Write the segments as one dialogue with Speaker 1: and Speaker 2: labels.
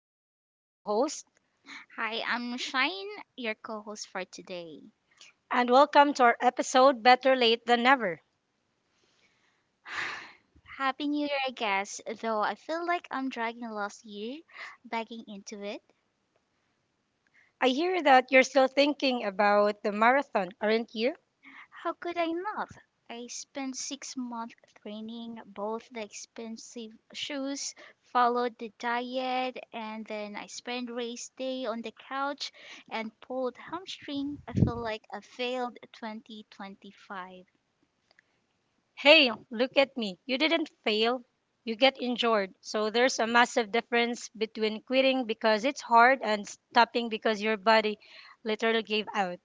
Speaker 1: I have here my co host.
Speaker 2: Hi, I'm Shine, your co host for today.
Speaker 1: And welcome to our episode, Better Late Than Never.
Speaker 2: Happy New Year, I guess, though I feel like I'm dragging last year bagging into it.
Speaker 1: I hear that you're still thinking about the marathon, aren't you?
Speaker 2: How could I not? I spent 6 months training both the expensive shoes, followed the diet, and then I spent race day on the couch and pulled hamstring. I feel like I failed 2025.
Speaker 1: Hey, look at me. You didn't fail, you get injured. So there's a massive difference between quitting because it's hard and stopping because your body literally gave out.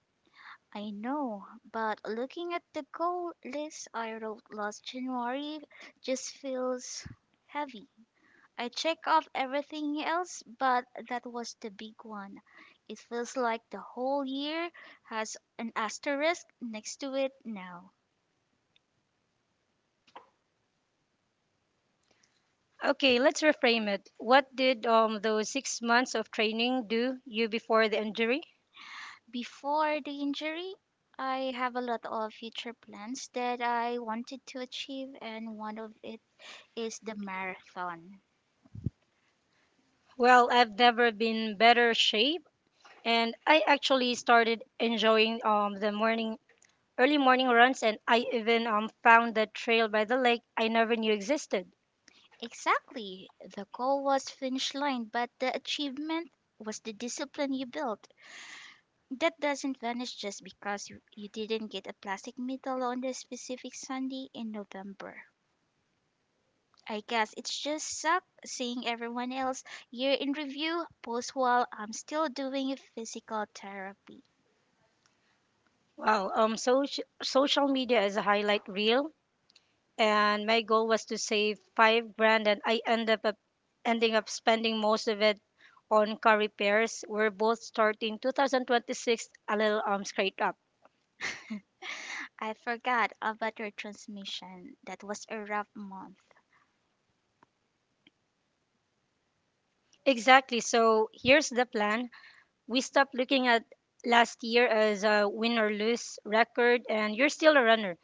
Speaker 2: I know, but looking at the goal list I wrote last January just feels heavy. I check off everything else, but that was the big one. It feels like the whole year has an asterisk next to it now.
Speaker 1: Okay, let's reframe it. What did those 6 months of training do you before the injury?
Speaker 2: Before the injury, I have a lot of future plans that I wanted to achieve, and one of it is the marathon.
Speaker 1: Well, I've never been better shape, and I actually started enjoying the morning early morning runs, and I even found the trail by the lake I never knew existed.
Speaker 2: Exactly. The goal was finish line, but the achievement was the discipline you built. That doesn't vanish just because you didn't get a plastic medal on the specific Sunday in November. I guess it's just suck seeing everyone else year in review post while I'm still doing physical therapy.
Speaker 1: Well, so social media is a highlight reel, and my goal was to save 5 grand, and I ending up spending most of it on car repairs. We're both starting 2026 a little scraped up.
Speaker 2: I forgot about your transmission. That was a rough month.
Speaker 1: Exactly. So here's the plan. We stopped looking at last year as a win or lose record, and you're still a runner.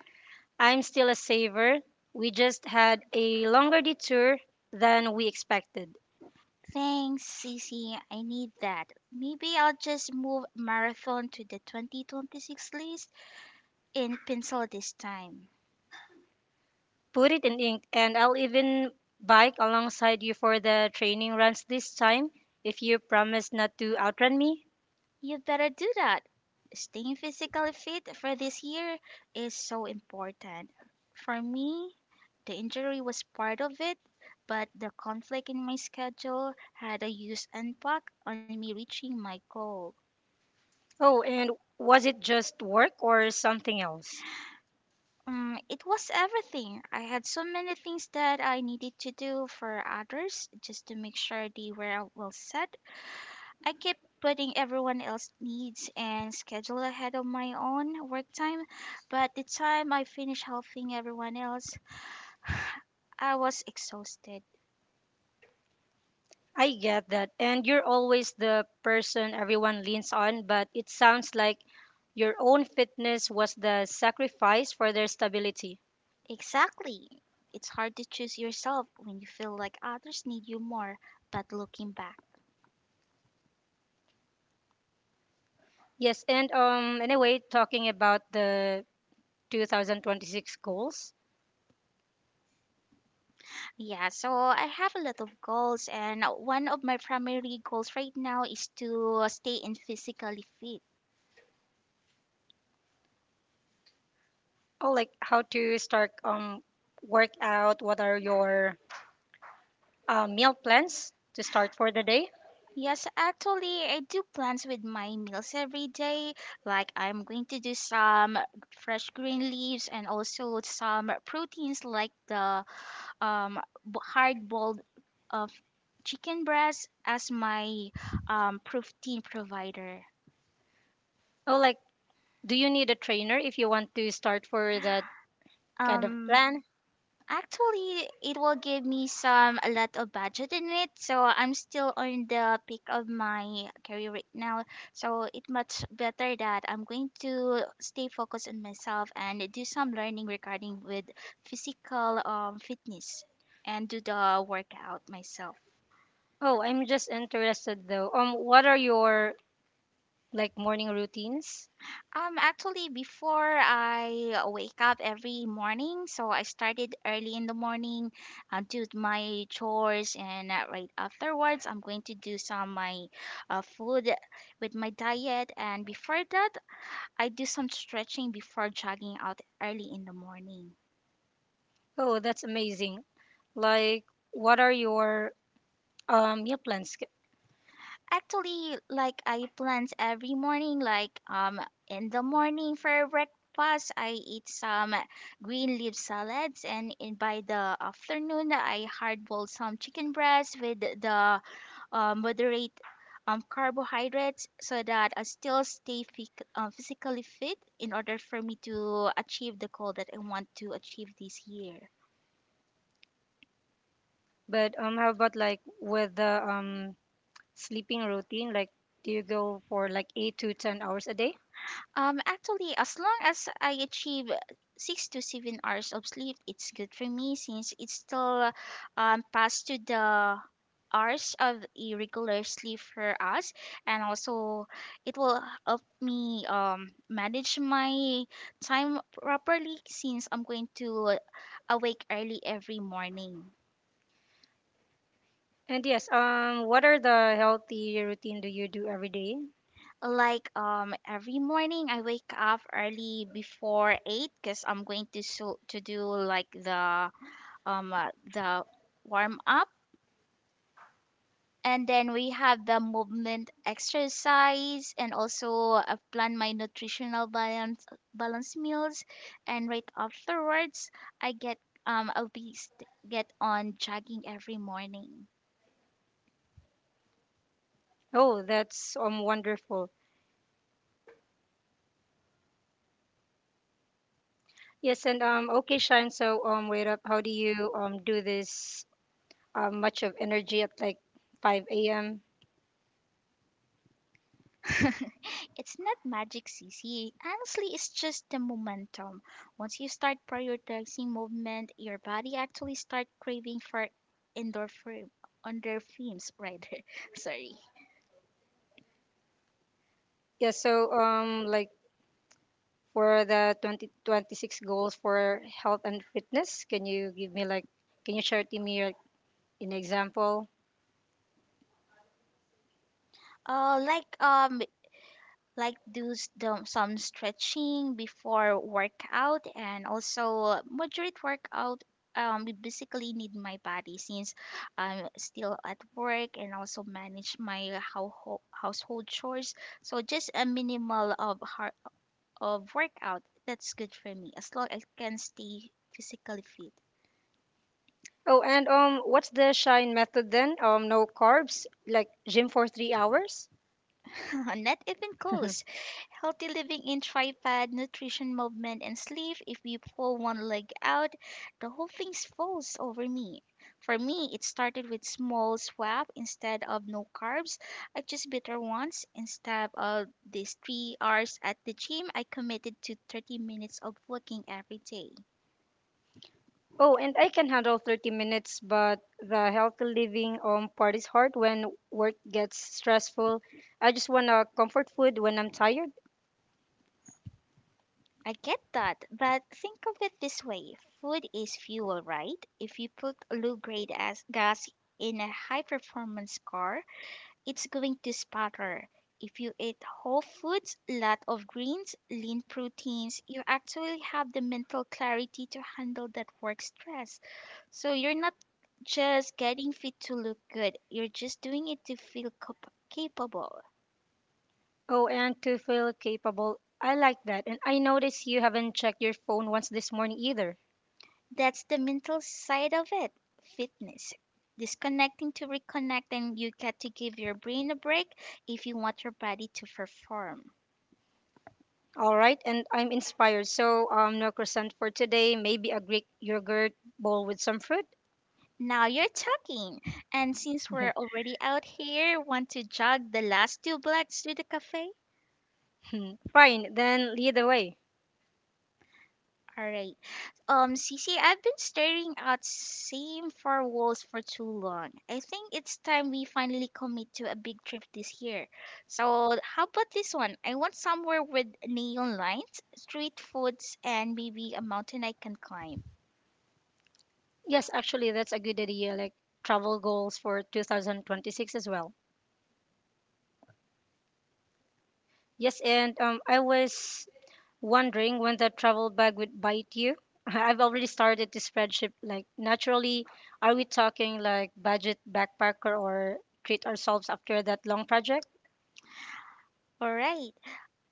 Speaker 1: I'm still a saver. We just had a longer detour than we expected.
Speaker 2: Thanks, Cece. I need that. Maybe I'll just move marathon to the 2026 list in pencil this time.
Speaker 1: Put it in ink, and I'll even bike alongside you for the training runs this time if you promise not to outrun me.
Speaker 2: You better do that. Staying physically fit for this year is so important. For me, the injury was part of it, but the conflict in my schedule had a huge impact on me reaching my goal.
Speaker 1: Oh, and was it just work or something else?
Speaker 2: Mm, it was everything. I had so many things that I needed to do for others just to make sure they were well set. I kept putting everyone else's needs and schedule ahead of my own work time, but the time I finished helping everyone else, I was exhausted.
Speaker 1: I get that. And you're always the person everyone leans on, but it sounds like your own fitness was the sacrifice for their stability.
Speaker 2: Exactly. It's hard to choose yourself when you feel like others need you more, but looking back,
Speaker 1: Yes, and anyway, talking about the 2026 goals.
Speaker 2: yeah, so I have a lot of goals, and one of my primary goals right now is to stay in physically fit.
Speaker 1: Oh, like how to start work out, what are your meal plans to start for the day?
Speaker 2: Yes, actually, I do plans with my meals every day. Like, I'm going to do some fresh green leaves and also some proteins like the um, hard boiled of chicken breast as my protein provider.
Speaker 1: Oh, like do you need a trainer if you want to start for that kind of
Speaker 2: Um,
Speaker 1: plan?
Speaker 2: Actually, it will give me some a lot of budget in it, so I'm still on the peak of my career right now. So it much better that I'm going to stay focused on myself and do some learning regarding with physical fitness and do the workout myself.
Speaker 1: Oh, I'm just interested though. What are your like morning routines?
Speaker 2: Actually, before I wake up every morning, so I started early in the morning, do my chores, and right afterwards, I'm going to do some my food with my diet, and before that, I do some stretching before jogging out early in the morning.
Speaker 1: Oh, that's amazing. Like, what are your meal plans?
Speaker 2: Actually, like I plant every morning, like in the morning for breakfast, I eat some green leaf salads, and in by the afternoon, I hard boil some chicken breast with the moderate carbohydrates so that I still stay physically fit in order for me to achieve the goal that I want to achieve this year.
Speaker 1: But how about like with the sleeping routine? Like, do you go for like 8 to 10 hours a day?
Speaker 2: Actually, as long as I achieve 6 to 7 hours of sleep, it's good for me since it's still past to the hours of a regular sleep for us, and also it will help me manage my time properly since I'm going to awake early every morning.
Speaker 1: And yes, what are the healthy routine do you do every day?
Speaker 2: Like every morning I wake up early before eight because I'm going to so to do like the warm up, and then we have the movement exercise, and also I plan my nutritional balance meals, and right afterwards I get get on jogging every morning.
Speaker 1: Oh, that's wonderful. Yes, and okay, Shine. So wait up. How do you do this much of energy at like five a.m.?
Speaker 2: It's not magic, CC. Honestly, it's just the momentum. Once you start prioritizing movement, your body actually start craving for endorphin endorphins rather. Sorry.
Speaker 1: Yeah, so like were the 2026 goals for health and fitness? Can you give me like, can you share to me like, an example?
Speaker 2: Uh, like um, like do some stretching before workout, and also moderate workout. We basically need my body since I'm still at work and also manage my household chores. So just a minimal of har of workout. That's good for me as long as I can stay physically fit.
Speaker 1: Oh, and what's the shine method then? No carbs, like gym for 3 hours.
Speaker 2: Not even close. Healthy living in tripod, nutrition, movement, and sleep. If you pull one leg out, the whole thing falls over me. For me, it started with small swap instead of no carbs. I just bitter once. Instead of these 3 hours at the gym, I committed to 30 minutes of walking every day.
Speaker 1: Oh, and I can handle 30 minutes, but the healthy living part is hard when work gets stressful. I just want a comfort food when I'm tired.
Speaker 2: I get that, but think of it this way, food is fuel, right? If you put low grade as gas in a high performance car, it's going to spatter. If you eat whole foods, lot of greens, lean proteins, you actually have the mental clarity to handle that work stress. So you're not just getting fit to look good, you're just doing it to feel capable.
Speaker 1: Oh, and to feel capable. I like that. And I notice you haven't checked your phone once this morning either.
Speaker 2: That's the mental side of it, fitness. Disconnecting to reconnect, and you get to give your brain a break if you want your body to perform.
Speaker 1: All right, and I'm inspired. So, no croissant for today. Maybe a Greek yogurt bowl with some fruit.
Speaker 2: Now you're talking. And since
Speaker 1: Yeah.
Speaker 2: we're already out here, want to jog the last two blocks to the cafe?
Speaker 1: Hmm, fine, then lead the way.
Speaker 2: All right. Cece, I've been staring at same four walls for too long. I think it's time we finally commit to a big trip this year. So how about this one? I want somewhere with neon lights, street foods, and maybe a mountain I can climb.
Speaker 1: Yes, actually, that's a good idea. Like travel goals for 2026 as well. Yes, and I was wondering when that travel bag would bite you. I've already started to spreadsheet. Like naturally, are we talking like budget backpacker or treat ourselves after that long project?
Speaker 2: All right.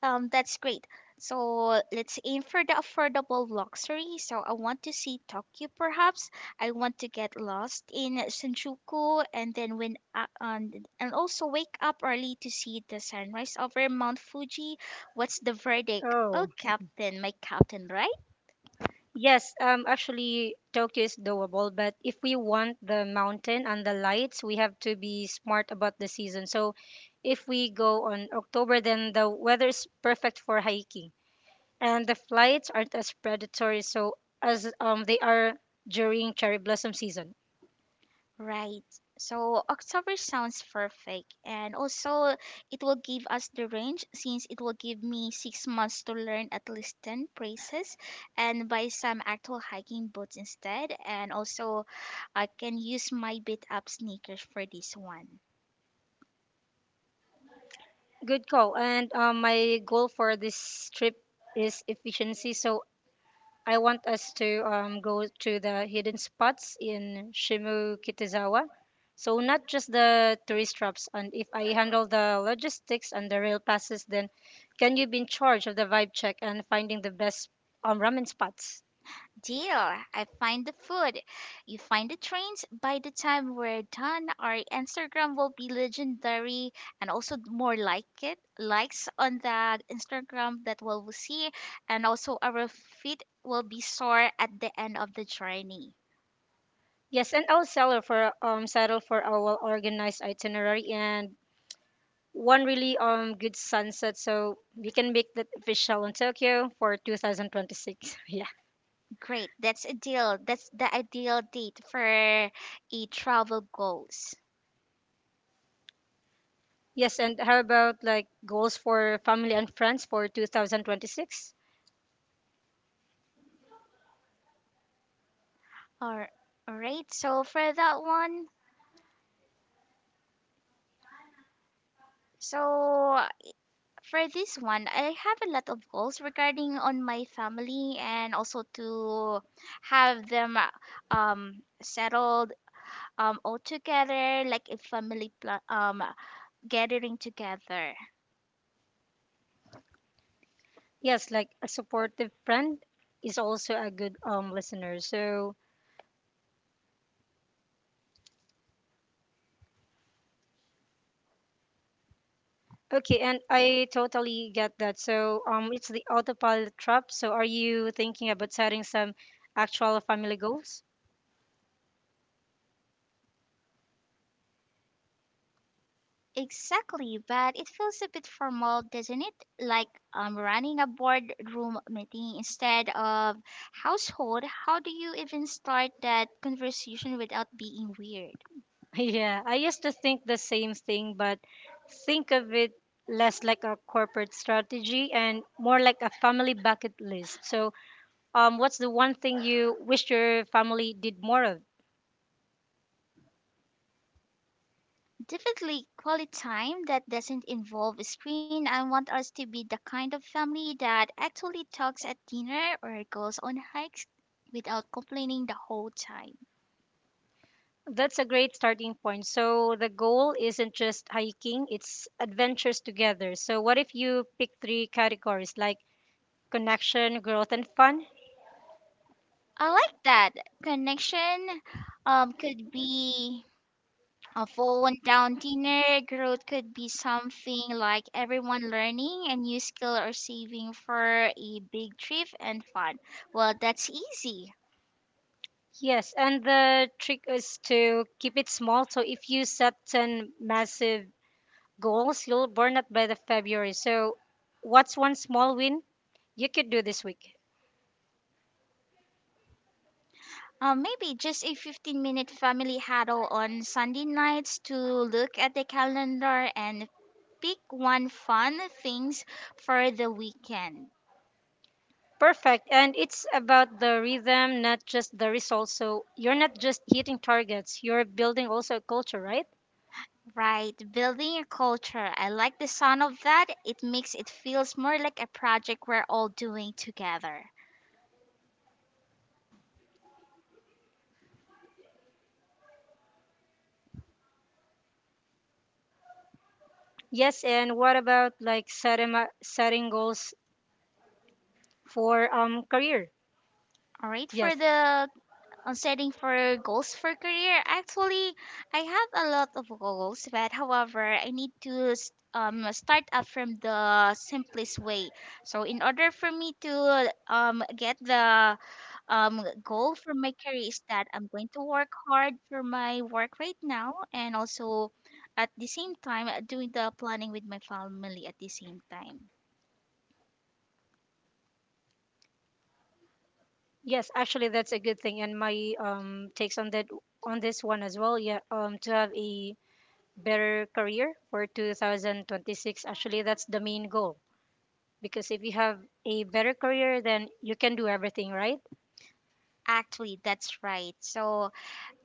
Speaker 2: That's great. So let's aim for the affordable luxury. So I want to see Tokyo, perhaps. I want to get lost in Shinjuku, and also wake up early to see the sunrise over Mount Fuji. What's the verdict? Oh,
Speaker 1: Oh.
Speaker 2: Captain, my Captain, right?
Speaker 1: Yes, actually, Tokyo is doable, but if we want the mountain and the lights, we have to be smart about the season. So, if we go on October, then the weather is perfect for hiking, and the flights aren't as predatory, so as they are during cherry blossom season.
Speaker 2: Right. So October sounds perfect. And also, it will give us the range since it will give me 6 months to learn at least 10 phrases and buy some actual hiking boots instead. And also, I can use my beat up sneakers for this one.
Speaker 1: Good call. And my goal for this trip is efficiency. So I want us to go to the hidden spots in Shimokitazawa. So not just the tourist traps. And if I handle the logistics and the rail passes, then can you be in charge of the vibe check and finding the best ramen spots?
Speaker 2: Deal. I find the food. You find the trains. By the time we're done, our Instagram will be legendary and also more like it. Likes on that Instagram that we'll see. And also our feet will be sore at the end of the journey.
Speaker 1: Yes, and I'll settle for a well organized itinerary and one really good sunset so we can make that official in Tokyo for 2026. Yeah.
Speaker 2: Great. That's a deal. That's the ideal date for a travel goals.
Speaker 1: Yes, and how about like goals for family and friends for 2026?
Speaker 2: All right. So For this one, I have a lot of goals regarding on my family and also to have them settled all together like a gathering together.
Speaker 1: Yes, like a supportive friend is also a good listener. So, okay, and I totally get that. So, it's the autopilot trap. So, are you thinking about setting some actual family goals?
Speaker 2: Exactly, but it feels a bit formal, doesn't it? Like running a boardroom meeting instead of household. How do you even start that conversation without being weird?
Speaker 1: Yeah, I used to think the same thing, but think of it less like a corporate strategy and more like a family bucket list. So, what's the one thing you wish your family did more of?
Speaker 2: Definitely quality time that doesn't involve a screen. I want us to be the kind of family that actually talks at dinner or goes on hikes without complaining the whole time.
Speaker 1: That's a great starting point. So the goal isn't just hiking, it's adventures together. So what if you pick three categories like connection, growth, and fun?
Speaker 2: I like that. Connection could be a phone down dinner. Growth could be something like everyone learning a new skill or saving for a big trip and fun. Well, that's easy.
Speaker 1: Yes, and the trick is to keep it small. So if you set 10 massive goals, you'll burn out by the February. So what's one small win you could do this week?
Speaker 2: Maybe just a 15-minute family huddle on Sunday nights to look at the calendar and pick one fun things for the weekend.
Speaker 1: Perfect. And it's about the rhythm, not just the results. So you're not just hitting targets, you're building also a culture, right?
Speaker 2: Right, building a culture. I like the sound of that. It makes it feels more like a project we're all doing together.
Speaker 1: Yes. And what about like setting goals for career?
Speaker 2: All right,
Speaker 1: Yes.
Speaker 2: for the on setting for goals for career, actually I have a lot of goals, but however I need to start up from the simplest way, so in order for me to get the goal for my career is that I'm going to work hard for my work right now, and also at the same time doing the planning with my family at the same time.
Speaker 1: Yes, actually that's a good thing and my takes on that on this one as well. Yeah, to have a better career for 2026, actually that's the main goal because if you have a better career then you can do everything, right?
Speaker 2: Actually that's right, so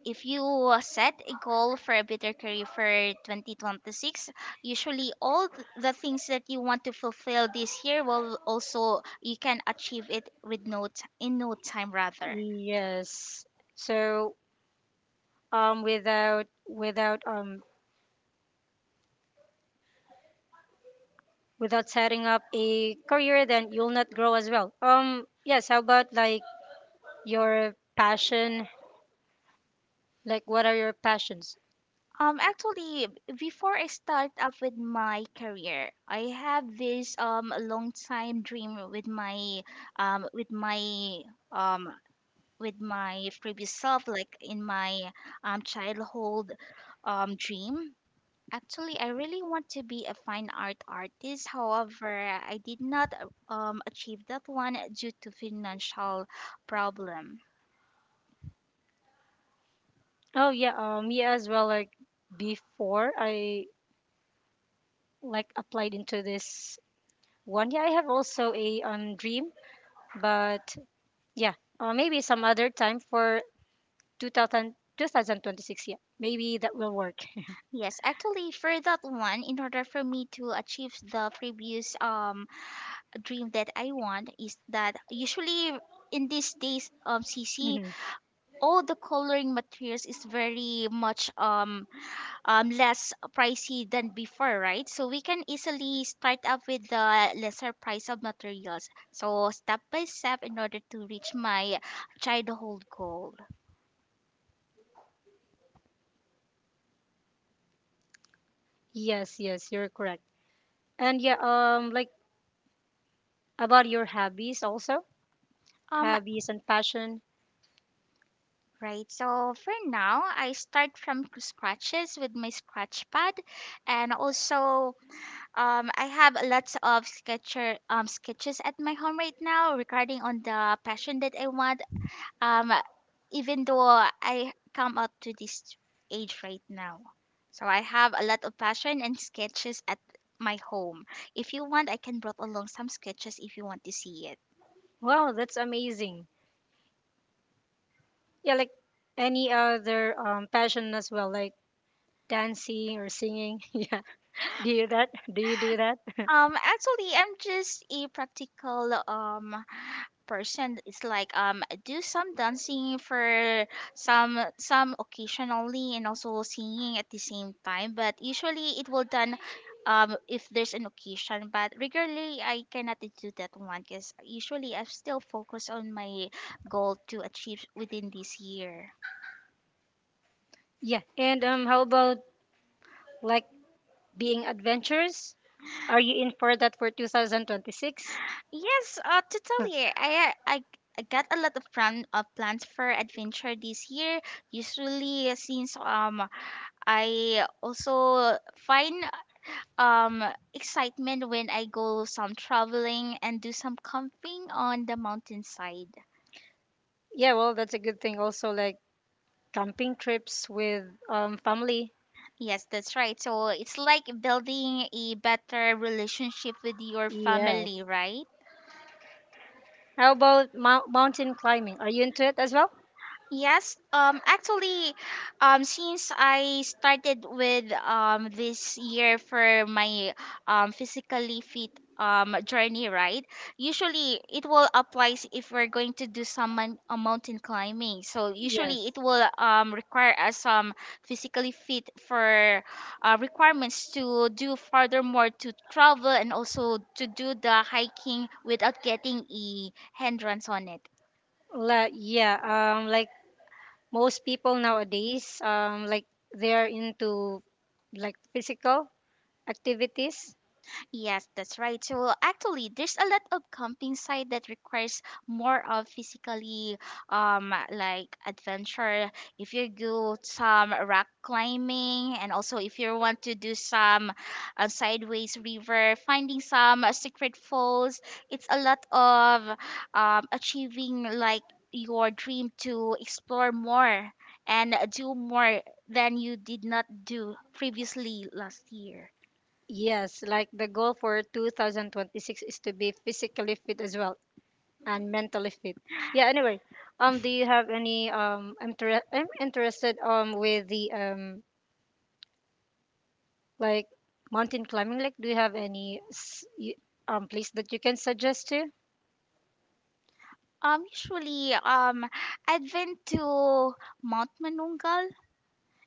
Speaker 2: if you set a goal for a better career for 2026, usually all the things that you want to fulfill this year will also you can achieve it with in no time rather.
Speaker 1: Yes. So um without without um without setting up a career then you'll not grow as well. Yes, how about like your passion? Like what are your passions?
Speaker 2: Actually, before I start up with my career, I have this long time dream with um with my um my previous self, like in my childhood dream. Actually, I really want to be a fine art artist. However, I did not achieve that one due to financial problem.
Speaker 1: Oh yeah, yeah as well like before I like applied into this one. Yeah, I have also a dream, but yeah, maybe some other time for 2026. Yeah. Maybe that will work.
Speaker 2: Yes, actually, for that one, in order for me to achieve the previous dream that I want, is that usually in these days, C C
Speaker 1: Mhm.
Speaker 2: all the coloring materials is very much less pricey than before, right? So we can easily start up with the lesser price of materials. So step by step in order to reach my childhood goal.
Speaker 1: Yes, yes, you're correct. And yeah, like about your hobbies also,
Speaker 2: Um,
Speaker 1: hobbies and passion.
Speaker 2: right. So for now, I start from scratches with my scratch pad, and also I have lots of sketcher sketches at my home right now regarding on the passion that I want, um even though I come up to this age right now. So I have a lot of passion and sketches at my home. If you want, I can brought along some sketches if you want to see it.
Speaker 1: Wow, that's amazing. Yeah, like any other passion as well, like dancing or singing. Yeah, do you that? Do you do that?
Speaker 2: Actually, I'm just a practical person. It's like I do some dancing for some occasionally and also singing at the same time. But usually it will done if there's an occasion. But regularly I cannot do that one because usually I still focus on my goal to achieve within this year.
Speaker 1: Yeah, and how about like being adventurous? Are you in for that for 2026?
Speaker 2: Yes, totally. I uh, I I got a lot of plans for adventure this year. Usually, since I also find um excitement when I go some traveling and do some camping on the mountainside.
Speaker 1: Yeah, well, that's a good thing. Also, like camping trips with family.
Speaker 2: Yes, that's right. So it's like building a better relationship with your
Speaker 1: Yeah.
Speaker 2: family, right?
Speaker 1: How about mountain climbing? Are you into it as well?
Speaker 2: Yes, actually, since I started with this year for my physically fit journey, right? Usually, it will apply if we're going to do some mountain climbing. So
Speaker 1: Yes.
Speaker 2: usually, it will require us some physically fit for requirements to do furthermore to travel and also to do the hiking without getting a hindrance on it.
Speaker 1: La Yeah, like most people nowadays, like they're into like physical activities.
Speaker 2: Yes, that's right. So actually, there's a lot of camping site that requires more of physically, like adventure. If you do some rock climbing, and also if you want to do some sideways river, finding some secret falls, it's a lot of achieving like your dream to explore more and do more than you did not do previously last year.
Speaker 1: Yes, like the goal for 2026 is to be physically fit as well and mentally fit. Yeah, anyway, do you have any I'm interested with the like mountain climbing. Like, do you have any place that you can suggest to?
Speaker 2: Usually, I'd went to Mount Manungal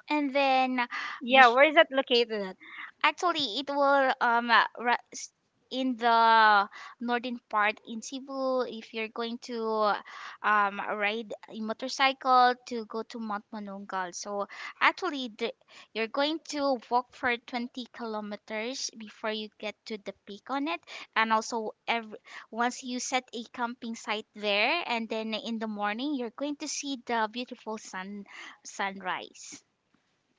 Speaker 2: and then, you.
Speaker 1: Yeah, where is that located at?
Speaker 2: Actually, it will in the northern part in Cebu. If you're going to ride a motorcycle to go to Mount Manungal, so actually the, you're going to walk for 20 kilometers before you get to the peak on it, and also every once you set a camping site there, and then in the morning you're going to see the beautiful sunrise.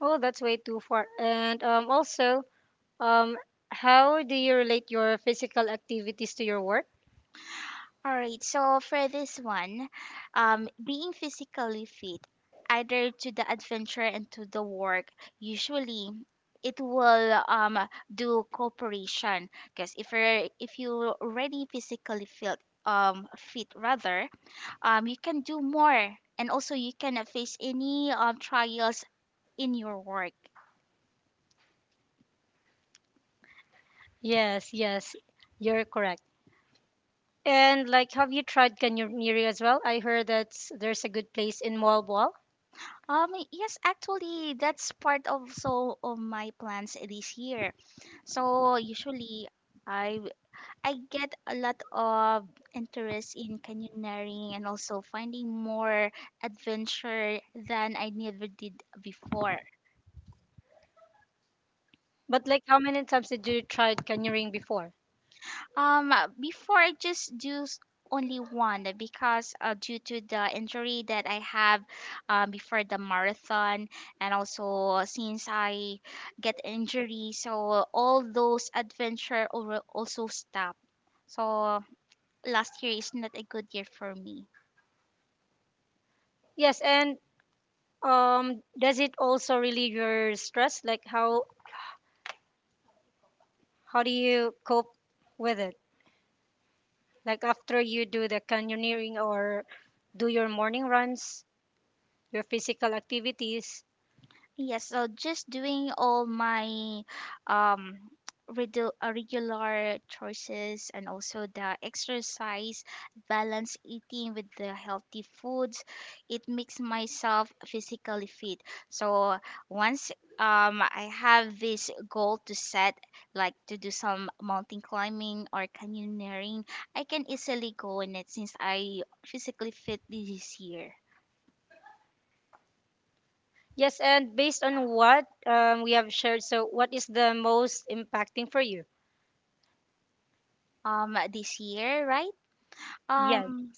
Speaker 1: Oh, that's way too far. And also, um, how do you relate your physical activities to your work?
Speaker 2: All right, so for this one, being physically fit, either to the adventure and to the work, usually it will do cooperation because if you're already physically fit fit rather, you can do more and also you can face any trials in your work.
Speaker 1: Yes, yes, you're correct. And like, have you tried Kanyamiri as well? I heard that there's a good place in Malbal.
Speaker 2: Yes, actually that's part also of my plans this year. So usually I I get a lot of interest in canyoneering and also finding more adventure than I never did before.
Speaker 1: But like, how many times did you try Kanyamiri before?
Speaker 2: Um, before I just only one because due to the injury that I have, before the marathon, and also since I get injury, so all those adventure also stop. So last year is not a good year for me.
Speaker 1: Yes, and does it also relieve your stress? Like, how do you cope with it? Like after you do the canyoneering or do your morning runs? Your physical activities.
Speaker 2: Yes, so just doing all my um regular choices and also the exercise, balance eating with the healthy foods, it makes myself physically fit. So once I have this goal to set, like to do some mountain climbing or canyoneering, I can easily go in it since I physically fit this year.
Speaker 1: Yes, and based on what we have shared, so what is the most impacting for you?
Speaker 2: This year, right?
Speaker 1: Yes.
Speaker 2: Um,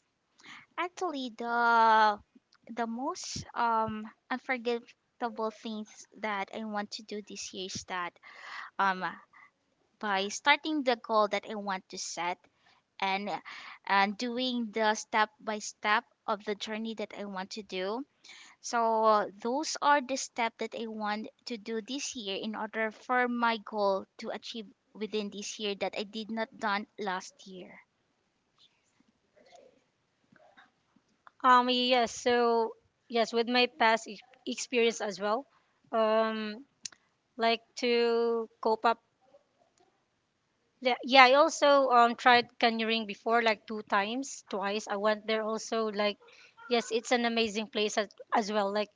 Speaker 2: actually, the most unforgettable things that I want to do this year is that um by starting the goal that I want to set and and doing the step by step of the journey that I want to do. So those are the steps that I want to do this year in order for my goal to achieve within this year that I did not done last year.
Speaker 1: Yes. So yes, with my past experience as well, um, like to cope up. Yeah, yeah, I also tried canyoning before, like two times, twice. I went there also. Like, yes, it's an amazing place as well. Like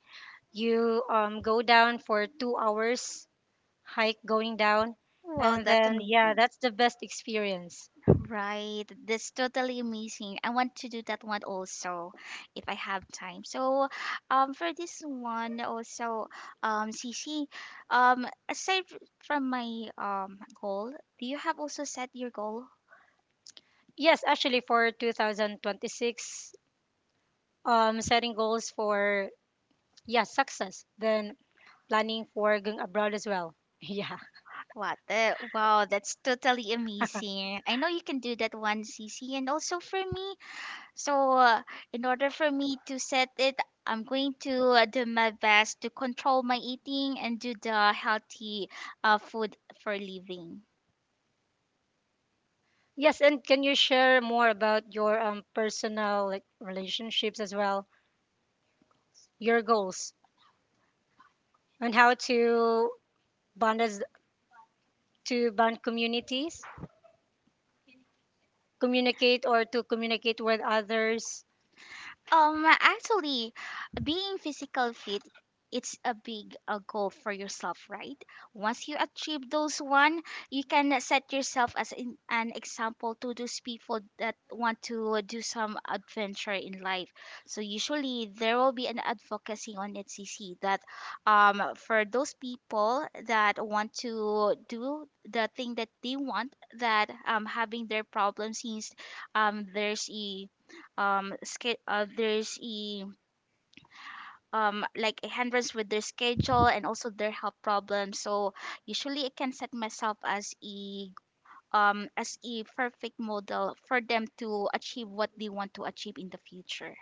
Speaker 1: you go down for 2 hours hike going down.
Speaker 2: Wow,
Speaker 1: And
Speaker 2: that's
Speaker 1: then, yeah,
Speaker 2: amazing.
Speaker 1: that's the best experience.
Speaker 2: Right, that's totally amazing. I want to do that one also if I have time. So, for this one also, Cici, um, aside f- from my goal, do you have also set your goal?
Speaker 1: Yes, actually, for 2026, setting goals for, yeah, success, then planning for going abroad as well. Yeah.
Speaker 2: What? The, wow, that's totally amazing. I know you can do that one, Cici. And also for me, so, in order for me to set it, I'm going to do my best to control my eating and do the healthy food for living.
Speaker 1: Yes, and can you share more about your personal like relationships as well, your goals, and how to bond as to bond communities, communicate or to communicate with others?
Speaker 2: Actually, being physical fit, it's a big goal for yourself, right? Once you achieve those one, you can set yourself as in, an example to those people that want to do some adventure in life. So usually there will be an advocacy on NCC that, for those people that want to do the thing that they want, that having their problems since there's a there's a like a hindrance with their schedule and also their health problems, so usually I can set myself as a perfect model for them to achieve what they want to achieve in the future.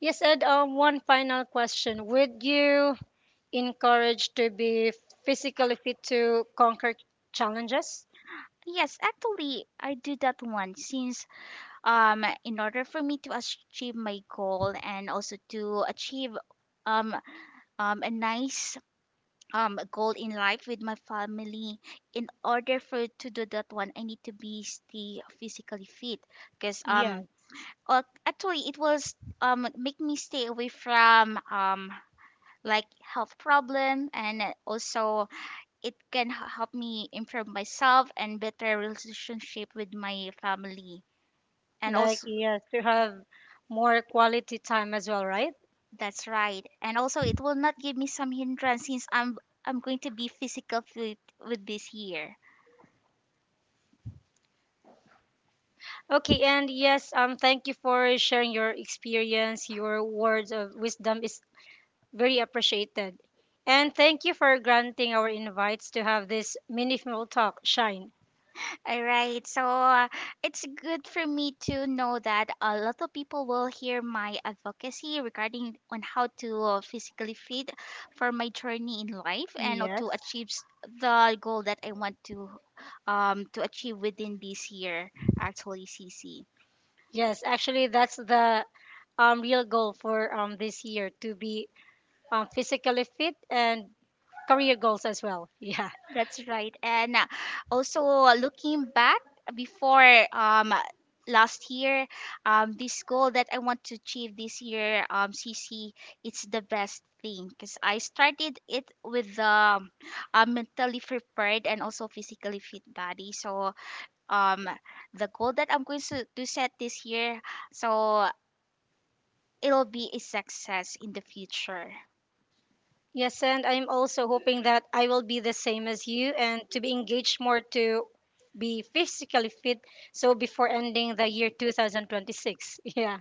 Speaker 1: Yes, and one final question: would you encouraged to be physically fit to conquer challenges.
Speaker 2: Yes, actually I do that one since in order for me to achieve my goal and also to achieve um a nice goal in life with my family. In order for to do that one I need to be stay physically fit because
Speaker 1: Yeah,
Speaker 2: actually it was make me stay away from like health problem, and also it can help me improve myself and better relationship with my family and
Speaker 1: like
Speaker 2: also
Speaker 1: yes, to have more quality time as well, right?
Speaker 2: that's right. And also it will not give me some hindrance since I'm going to be physical fit with this year.
Speaker 1: Okay, and yes, thank you for sharing your experience. Your words of wisdom is very appreciated, and thank you for granting our invites to have this meaningful talk shine.
Speaker 2: All right. So, it's good for me to know that a lot of people will hear my advocacy regarding on how to, physically fit for my journey in life and
Speaker 1: Yes,
Speaker 2: to the goal that I want to achieve within this year, actually CC.
Speaker 1: yes, actually, that's the real goal for this year to be physically fit and career goals as well. Yeah.
Speaker 2: That's right. And also, looking back before last year, this goal that I want to achieve this year, CC, it's the best thing because I started it with the, mentally prepared and also physically fit body. So um the goal that I'm to set this year, so it'll be a success in the future.
Speaker 1: Yes, and I'm also hoping that I will be the same as you and to be engaged more to be physically fit so before ending the year 2026. Yeah.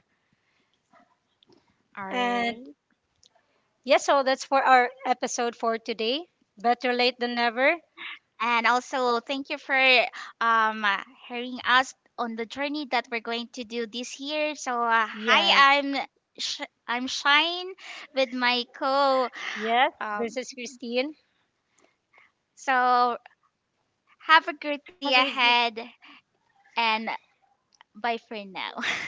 Speaker 1: And
Speaker 2: Alright.
Speaker 1: yeah, so that's for our episode for today. Better late than never.
Speaker 2: And also, thank you for um uh, hearing us on the journey that we're going to do this year. So, hi,
Speaker 1: Yes.
Speaker 2: I'm I'm Shine with my co.
Speaker 1: Yes. This
Speaker 2: Um,
Speaker 1: is Christine.
Speaker 2: so have a great day
Speaker 1: Have a good
Speaker 2: ahead, and bye for now.